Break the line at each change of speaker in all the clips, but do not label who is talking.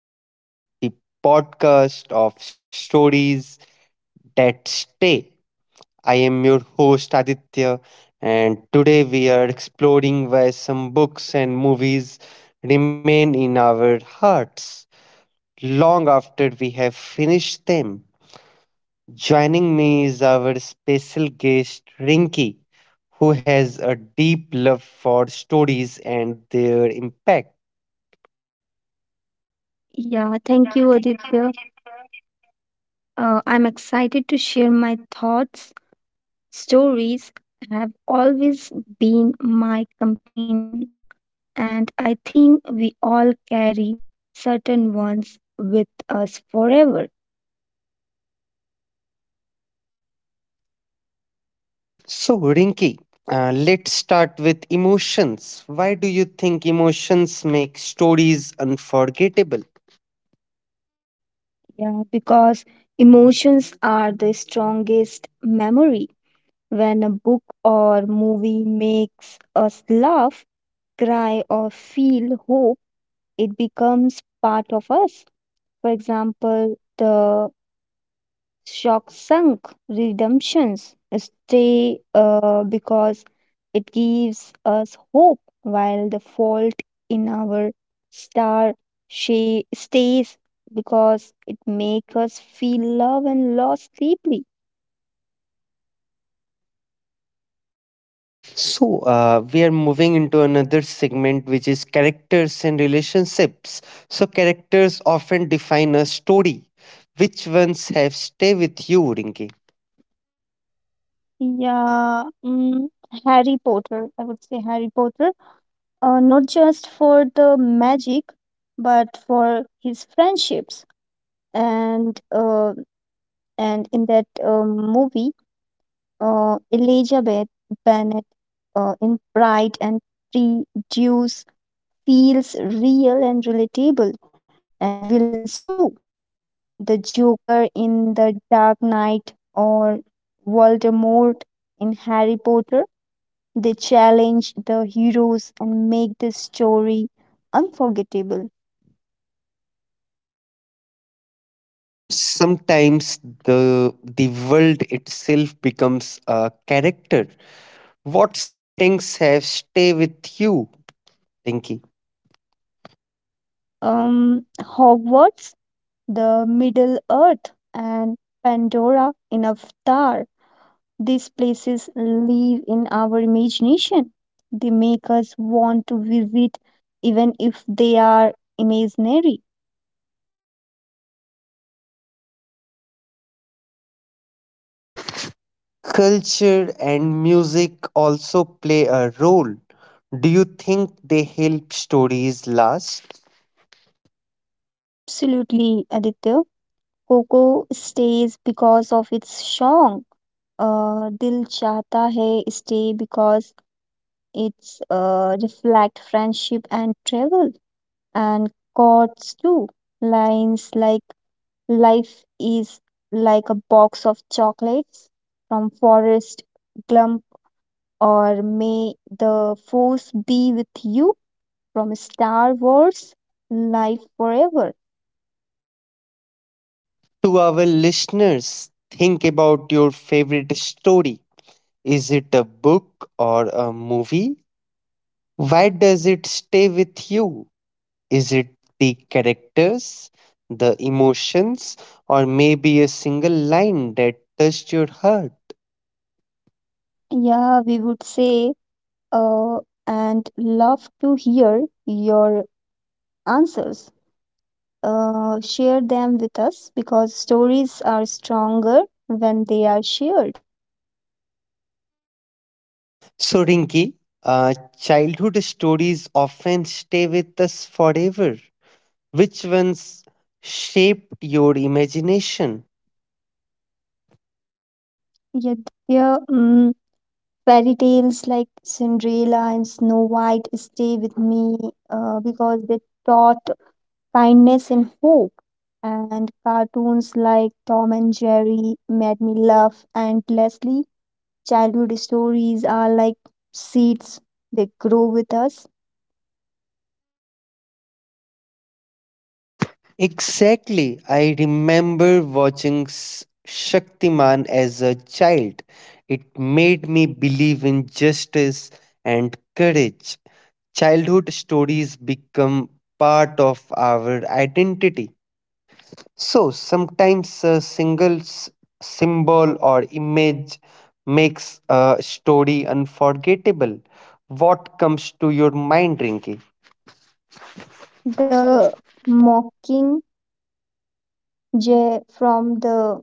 to the podcast of Stories That Stay. I am your host Aditya, and today we are exploring why some books and movies remain in our hearts long after we have finished them. Joining me is our special guest, Rinky, who has a deep love for stories and their impact.
Yeah, thank you, Aditya. I'm excited to share my thoughts. Stories have always been my companions, and I think we all carry certain ones with us forever.
So, Rinki, let's start with emotions. Why do you think emotions make stories unforgettable?
Yeah, because emotions are the strongest memory. When a book or movie makes us laugh, cry, or feel hope, it becomes part of us. For example, the Shock Sunk Redemptions stay because it gives us hope, while the fault in our star she stays because it makes us feel love and loss deeply.
So, we are moving into another segment which is characters and relationships. So, characters often define a story. Which ones have stay with you, Rinki?
Yeah, Harry Potter. I would say Harry Potter, not just for the magic, but for his friendships and uh, and in that movie, Elizabeth Bennet, in Pride and Prejudice, feels real and relatable, and villains too. The Joker in The Dark Knight or Voldemort in Harry Potter, they challenge the heroes and make the story unforgettable.
Sometimes the world itself becomes a character. What settings have stay with you, Rinki?
Hogwarts, the Middle Earth, and Pandora in Avatar. These places live in our imagination. They make us want to visit even if they are imaginary.
Culture and music also play a role. Do you think they help stories last?
Yeah, absolutely, Aditya. Coco stays because of its song. Dil Chata Hai stay because it's reflect friendship and travel and chords too. Lines like life is like a box of chocolates from forest Glump, or may the force be with you from Star Wars Life Forever.
To our listeners, think about your favorite story. Is it a book or a movie? Why does it stay with you? Is it the characters, the emotions, or maybe a single line that touched your heart?
Yeah, we would say, uh, and love to hear your answers. Share them with us because stories are stronger when they are shared.
So, Rinki, childhood stories often stay with us forever. Which ones shaped your imagination?
Yeah, yeah, fairy tales like Cinderella and Snow White stay with me, because they taught kindness and hope. And cartoons like Tom and Jerry made me laugh endlessly. Childhood stories are like seeds, they grow with us.
Exactly. I remember watching Shaktiman as a child. It made me believe in justice and courage. Childhood stories become part of our identity. So sometimes a single symbol or image makes a story unforgettable. What comes to your mind, Rinki?
The Mockingjay from the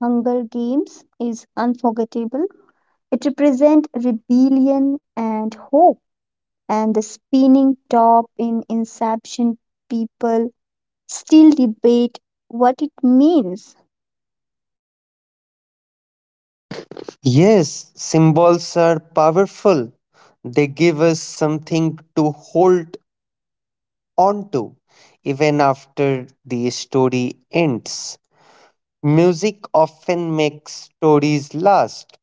Hunger Games is unforgettable. It represents rebellion and hope. And the spinning top in Inception, people still debate what it means.
Yes, symbols are powerful. They give us something to hold on to even after the story ends. Music often makes stories last.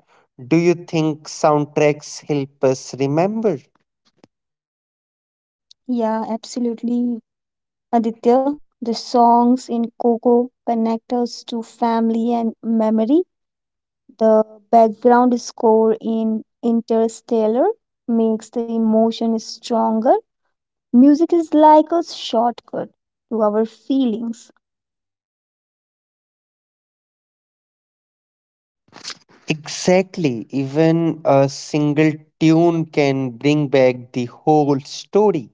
Do you think soundtracks help us remember?
Yeah, absolutely. Aditya, the songs in Coco connect us to family and memory. The background score in Interstellar makes the emotion stronger. Music is like a shortcut to our feelings.
Exactly. Even a single tune can bring back the whole story.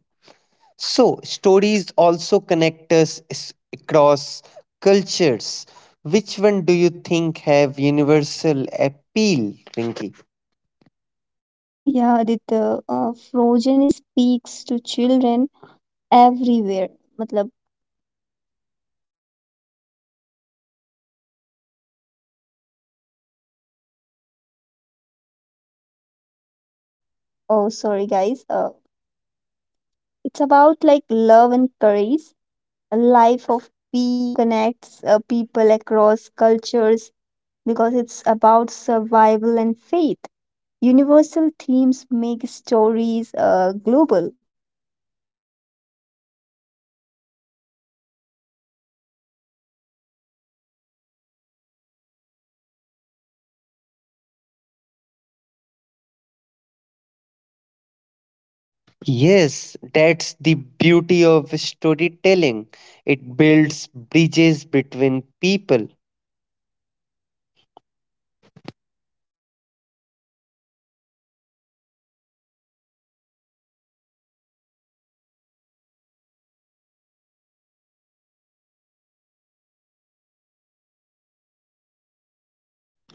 So, stories also connect us across cultures. Which one do you think have universal appeal, Rinki?
Yeah, Aditya, Frozen speaks to children everywhere. Matlab, oh, sorry, guys. It's about like love and courage, a life of P connects, people across cultures because it's about survival and faith. Universal themes make stories global.
Yes, that's the beauty of storytelling. It builds bridges between people.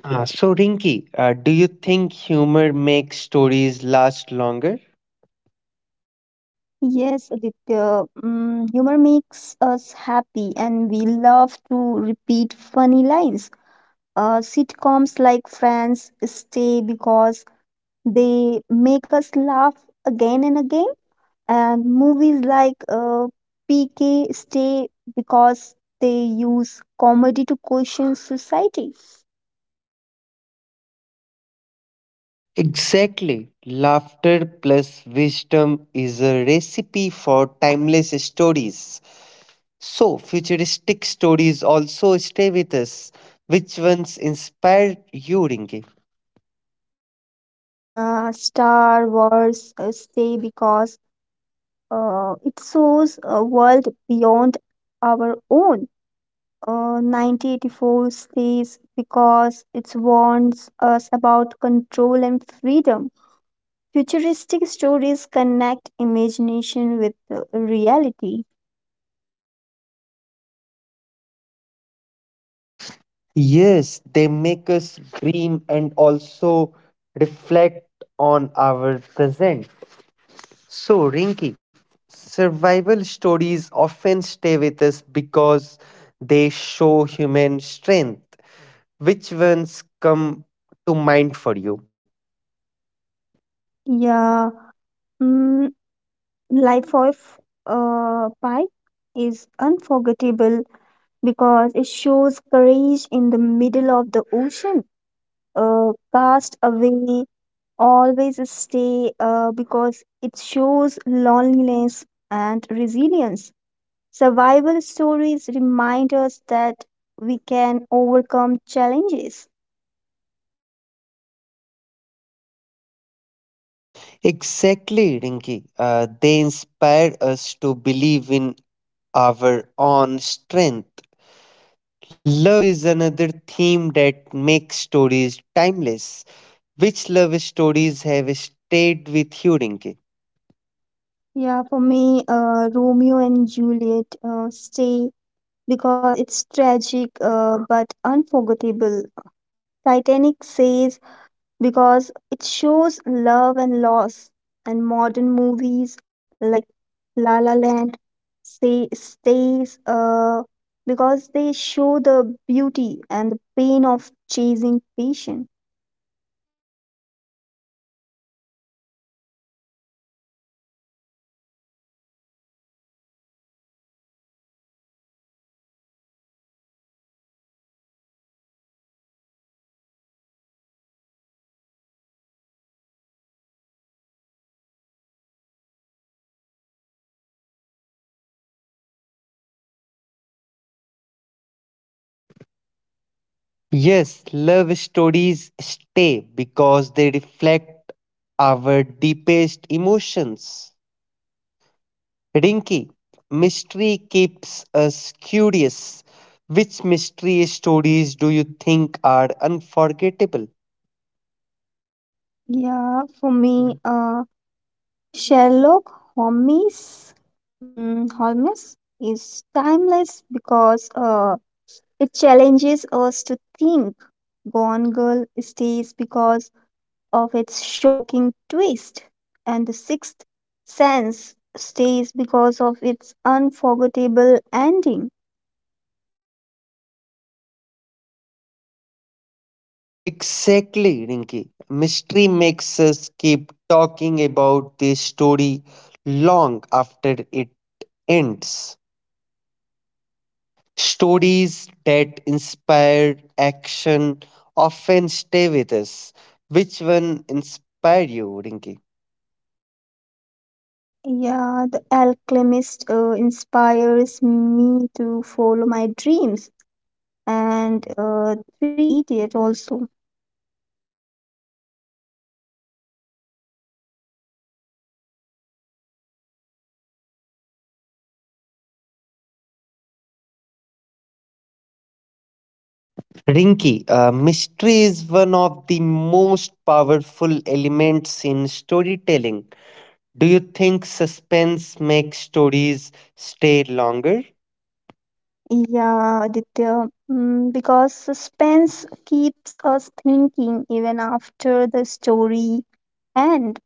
So, Rinki, do you think humor makes stories last longer?
Yes, Aditya, humor makes us happy and we love to repeat funny lines. Sitcoms like Friends stay because they make us laugh again and again, and movies like PK stay because they use comedy to question society.
Exactly. Laughter plus wisdom is a recipe for timeless stories. So, futuristic stories also stay with us. Which ones inspired you, Rinki?
Yeah, Star Wars stay because it shows a world beyond our own. 1984 stays because it warns us about control and freedom. Futuristic stories connect imagination with reality.
Yes, they make us dream and also reflect on our present. So, Rinki, survival stories often stay with us because they show human strength. Which ones come to mind for you?
Yeah, mm, Life of Pi is unforgettable because it shows courage in the middle of the ocean. Cast Away always stay because it shows loneliness and resilience. Survival stories remind us that we can overcome challenges.
Exactly, Rinki. They inspire us to believe in our own strength. Love is another theme that makes stories timeless. Which love stories have stayed with you, Rinki?
Yeah, for me, Romeo and Juliet stay because it's tragic, but unforgettable. Titanic says because it shows love and loss. And modern movies like La La Land say stays, because they show the beauty and the pain of chasing passion.
Yes, love stories stay because they reflect our deepest emotions. Rinky, mystery keeps us curious. Which mystery stories do you think are unforgettable?
Yeah, for me, Sherlock Holmes, Holmes is timeless because it challenges us to think. Gone Girl stays because of its shocking twist, and The Sixth Sense stays because of its unforgettable ending.
Exactly, Rinky. Mystery makes us keep talking about the story long after it ends. Stories that inspire action often stay with us. Which one inspired you, Rinky?
Yeah, The Alchemist inspires me to follow my dreams, and Three Idiot also.
Rinki, mystery is one of the most powerful elements in storytelling. Do you think suspense makes stories stay longer?
Yeah, Aditya, because suspense keeps us thinking even after the story ends.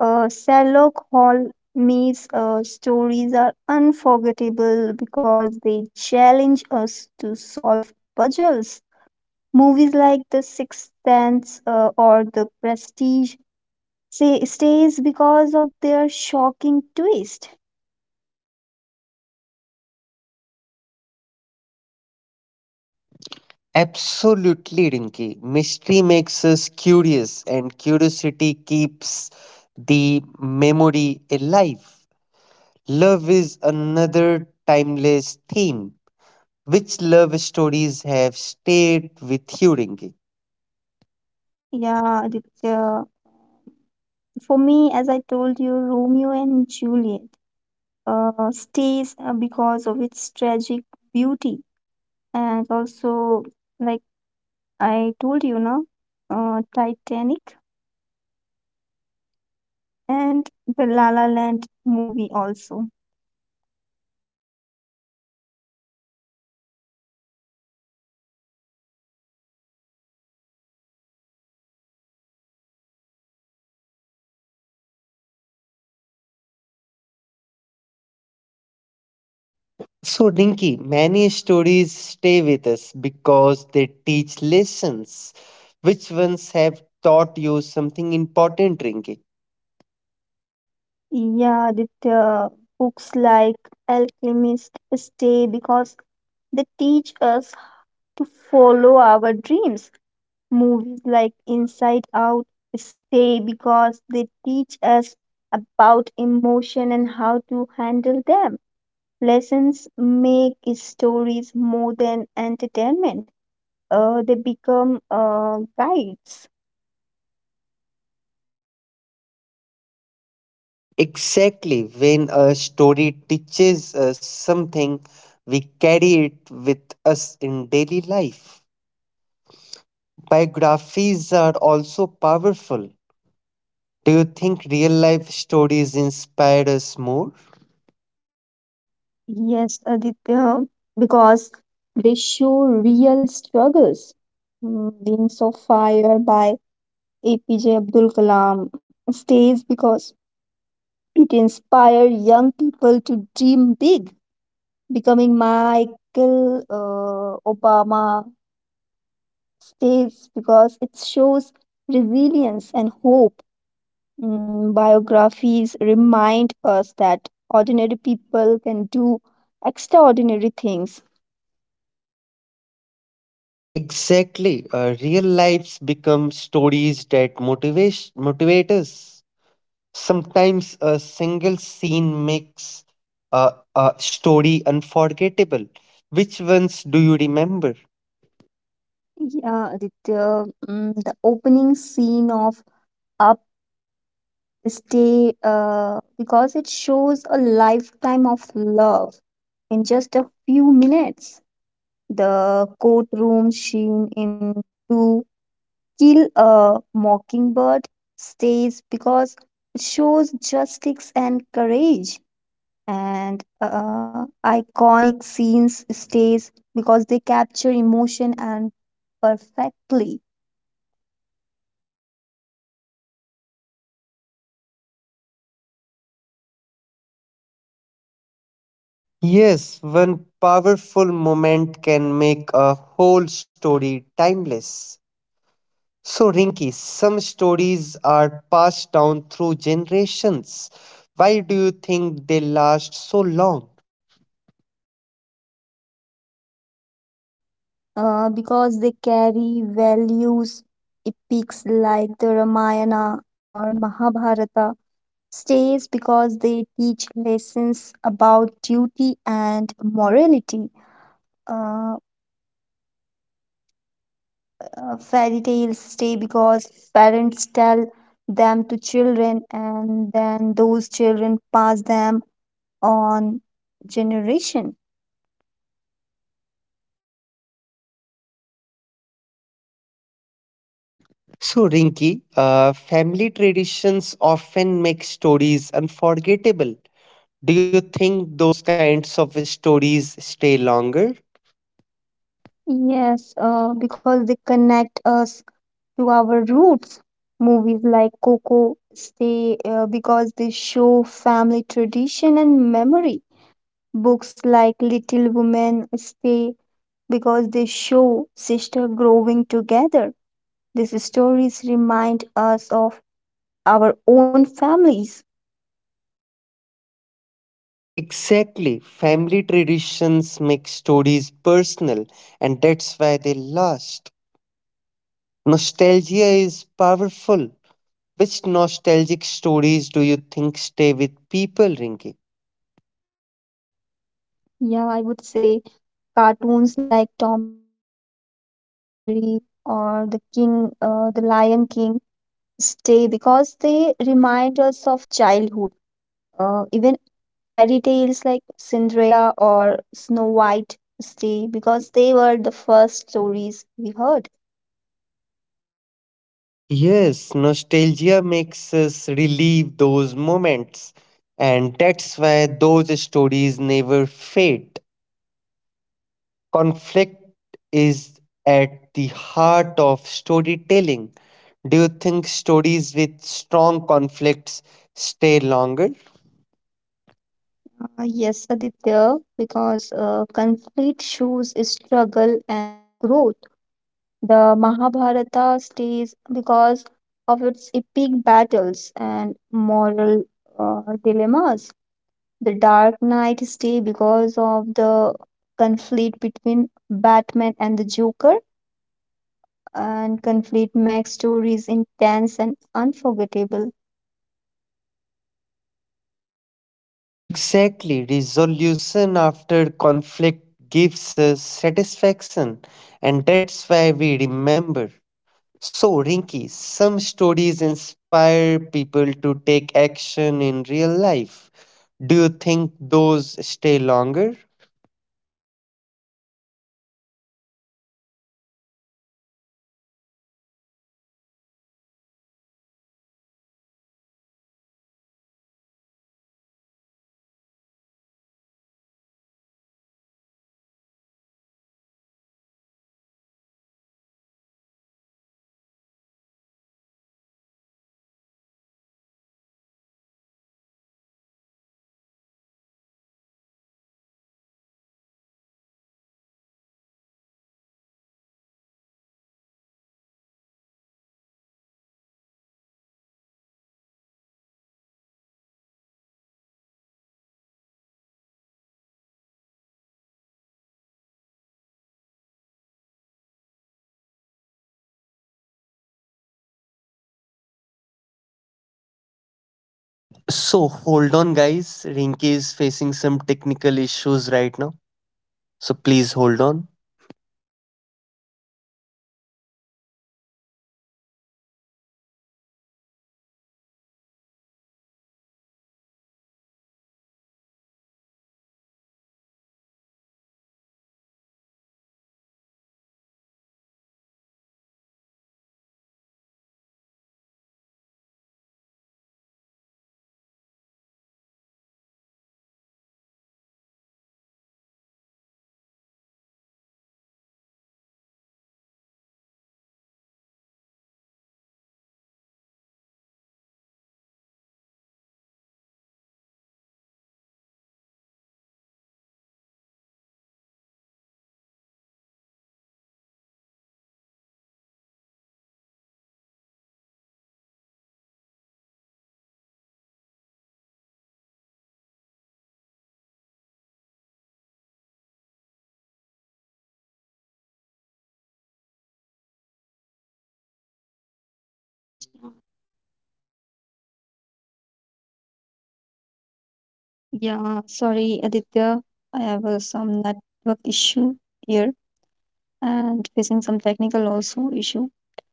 Sherlock Holmes' stories are unforgettable because they challenge us to solve puzzles. Movies like The Sixth Sense or The Prestige say, stays because of their shocking twist.
Absolutely, Rinki. Mystery makes us curious, and curiosity keeps the memory alive. Love is another timeless theme. Which love stories have stayed with you, Rinki?
Yeah, for me, as I told you, Romeo and Juliet stays because of its tragic beauty, and also like I told you now, Titanic and the La La Land movie also.
So, Rinky, many stories stay with us because they teach lessons. Which ones have taught you something important, Rinky?
Yeah, that books like Alchemist stay because they teach us to follow our dreams. Movies like Inside Out stay because they teach us about emotion and how to handle them. Lessons make stories more than entertainment. They become guides.
Exactly, when a story teaches us something, we carry it with us in daily life. Biographies are also powerful. Do you think real life stories inspire us more?
Yes, Aditya, because they show real struggles. Wings of Fire by APJ Abdul Kalam stays because it inspired young people to dream big. Becoming Michael Obama stays because it shows resilience and hope. Biographies remind us that ordinary people can do extraordinary things.
Exactly, real lives become stories that motivate us. Sometimes a single scene makes a story unforgettable. Which ones do you remember?
Yeah, Aditya, the opening scene of Up Stay, because it shows a lifetime of love in just a few minutes. The courtroom scene in To Kill a Mockingbird stays because it shows justice and courage. And iconic scenes stays because they capture emotion and perfectly
Yes, one powerful moment can make a whole story timeless. So, Rinki, some stories are passed down through generations. Why do you think they last so long?
because they carry values, epics like the Ramayana or Mahabharata stays because they teach lessons about duty and morality. uh, Fairy tales stay because parents tell them to children, and then those children pass them on generation.
So, Rinki, family traditions often make stories unforgettable. Do you think those kinds of stories stay longer?
Yes, because they connect us to our roots. Movies like Coco stay, because they show family tradition and memory. Books like Little Women stay because they show sister growing together. These stories remind us of our own families.
Exactly. Family traditions make stories personal, and that's why they last. Nostalgia is powerful. Which nostalgic stories do you think stay with people, Rinki?
Yeah, I would say cartoons like Tom and Jerry or The Lion King stay because they remind us of childhood. Even fairy tales like Cinderella or Snow White stay because they were the first stories we heard.
Yes, nostalgia makes us relive those moments, and that's why those stories never fade. Conflict is at the heart of storytelling. Do you think stories with strong conflicts stay longer?
Yes, Aditya, because conflict shows struggle and growth. The Mahabharata stays because of its epic battles and moral, dilemmas. The Dark Knight stay because of the conflict between Batman and the Joker, and conflict makes stories intense and unforgettable.
Exactly. Resolution after conflict gives us satisfaction, and that's why we remember. So, Rinky, some stories inspire people to take action in real life. Do you think those stay longer? So hold on, guys. Rinky is facing some technical issues right now. So please hold on.
Yeah, sorry, Aditya. I have some network issue here and facing some technical also issue.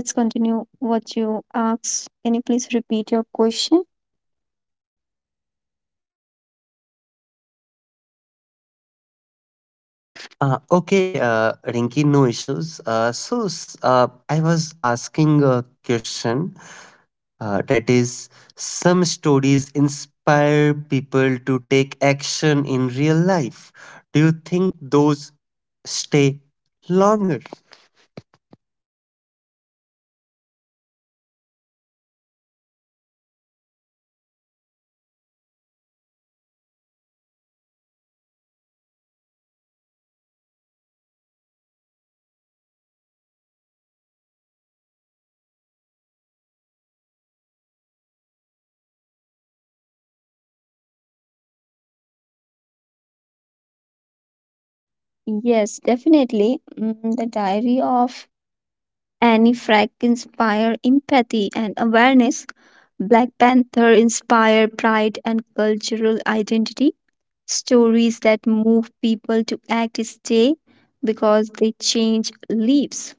So let's continue what you asked. Can you please repeat your question?
Okay, Rinky, no issues. So, I was asking a question that is, some stories inspire people to take action in real life. Do you think those stay longer?
Yes, definitely. The diary of Annie Frank inspire empathy and awareness. Black Panther inspire pride and cultural identity. Stories that move people to act stay because they change lives.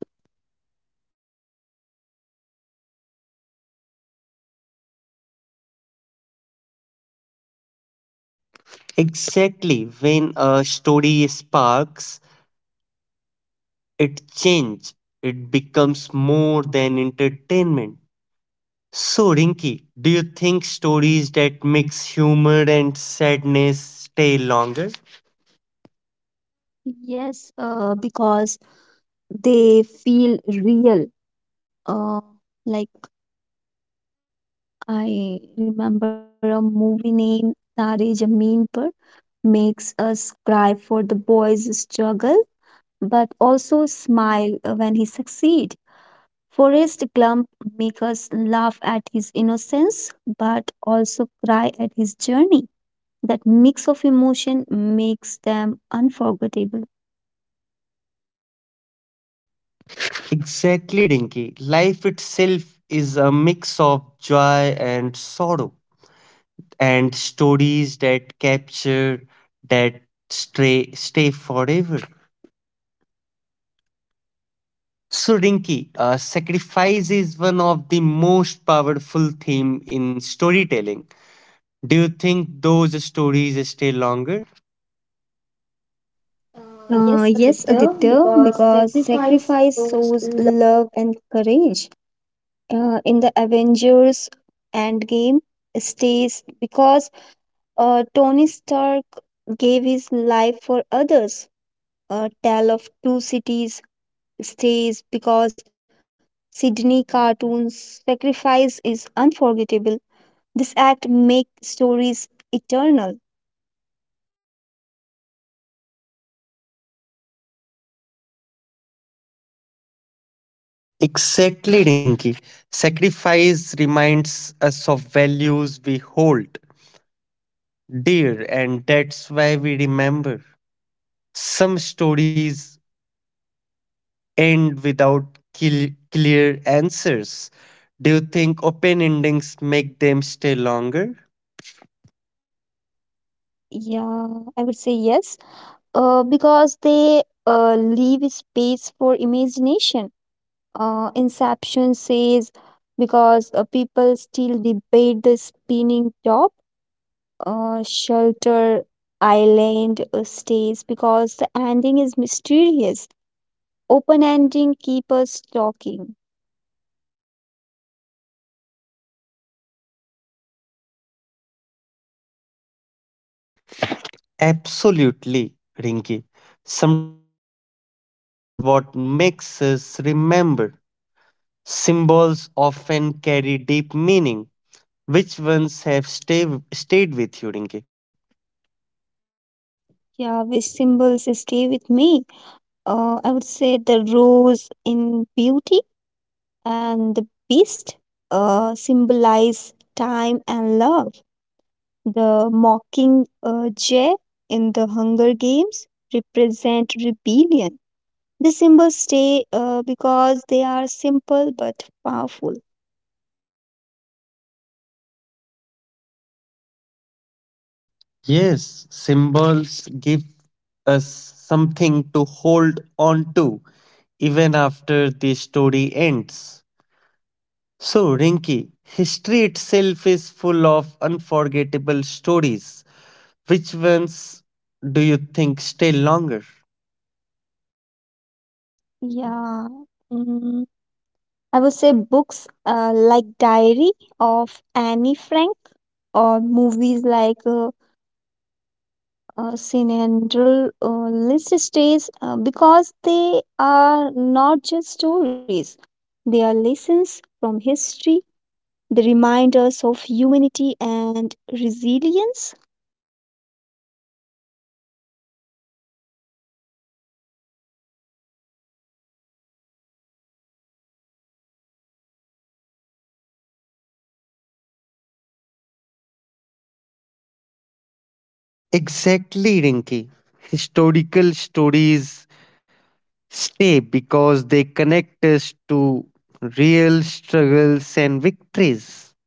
Exactly. When a story sparks It change. It becomes more than entertainment. So, Rinky, do you think stories that mix humor and sadness stay longer?
Yes, because they feel real. Uh, like I remember a movie named Tare Zameen Par makes us cry for the boy's struggle, but also smile when he succeed. Forrest Gump make us laugh at his innocence, but also cry at his journey. That mix of emotion makes them unforgettable.
Exactly, Rinky. Life itself is a mix of joy and sorrow, and stories that capture that stray stay forever. So, Rinky, sacrifice is one of the most powerful theme in storytelling. Do you think those stories stay longer? Uh, yes,
Yes,
Aditya,
Aditya,
because
because
sacrifice
sacrifice
shows
shows
in
love and courage. In the Avengers Endgame stays because Tony Stark gave his life for others. A Tale of Two Cities stays because Sydney cartoon's sacrifice is unforgettable. This act makes stories eternal.
Exactly, Rinky. Sacrifice reminds us of values we hold dear, and that's why we remember. Some stories end without clear answers. Do you think open endings make them stay longer?
Yeah, I would say yes. Because they leave space for imagination. Inception says because people still debate the spinning top, Shelter Island stays because the ending is mysterious. Open ending keep us talking.
Absolutely, Rinki. Sometimes not knowing is what makes us remember. Symbols often carry deep meaning. Which ones stayed with you, Rinki?
Yeah, which symbols stay with me? I would say the rose in beauty and the beast symbolize time and love. The Mockingjay in the Hunger Games represent rebellion. The symbols stay because they are simple but powerful.
Yes, symbols give us something to hold on to even after the story ends. So, Rinki, history itself is full of unforgettable stories. Which ones do you think stay longer?
Yeah. Mm, I would say books like Diary of Annie Frank or movies like Cinderella list stays, because they are not just stories. They are lessons from history. They remind us of humanity and resilience.
Exactly, Rinky. Historical stories stay because they connect us to real struggles and victories.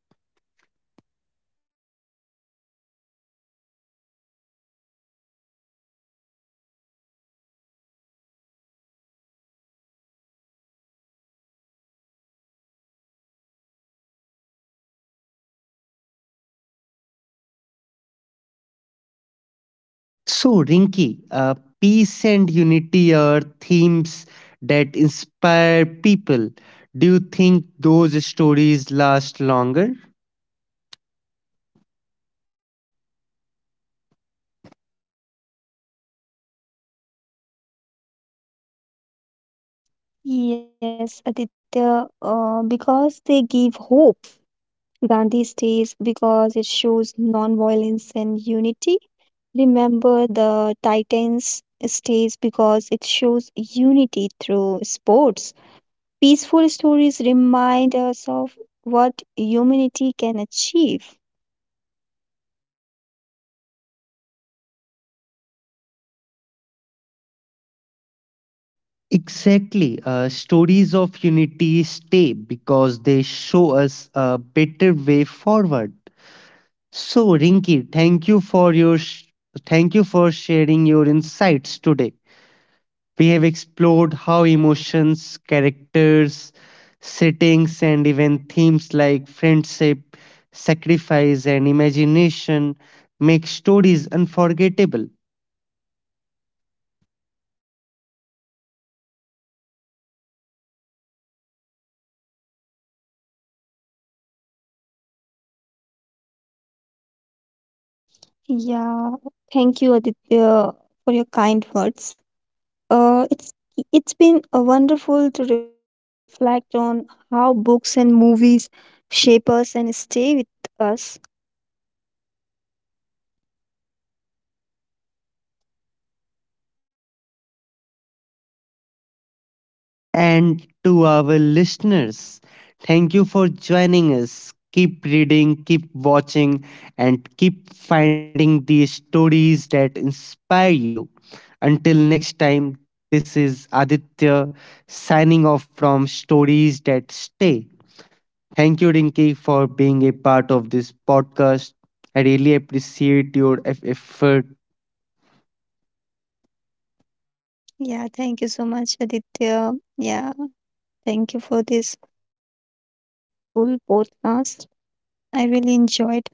So, Rinky, peace and unity are themes that inspire people. Do you think those stories last longer?
Yes, Aditya, because they give hope. Gandhi stays because it shows nonviolence and unity. Remember the Titans stays because it shows unity through sports. Peaceful stories remind us of what humanity can achieve.
Exactly. Stories of unity stay because they show us a better way forward. So, Rinki, thank you for your thank you for sharing your insights today. We have explored how emotions, characters, settings, and even themes like friendship, sacrifice, and imagination make stories unforgettable.
Yeah, thank you, Aditya, for your kind words. Uh, it's it's been wonderful to reflect on how books and movies shape us and stay with us.
And to our listeners, thank you for joining us. Keep reading, keep watching, and keep finding the stories that inspire you. Until next time, this is Aditya signing off from Stories That Stay. Thank you, Rinki, for being a part of this podcast. I really appreciate your effort
Yeah, thank you so much, Aditya. Yeah, thank you for this wonderful podcast. I really enjoyed.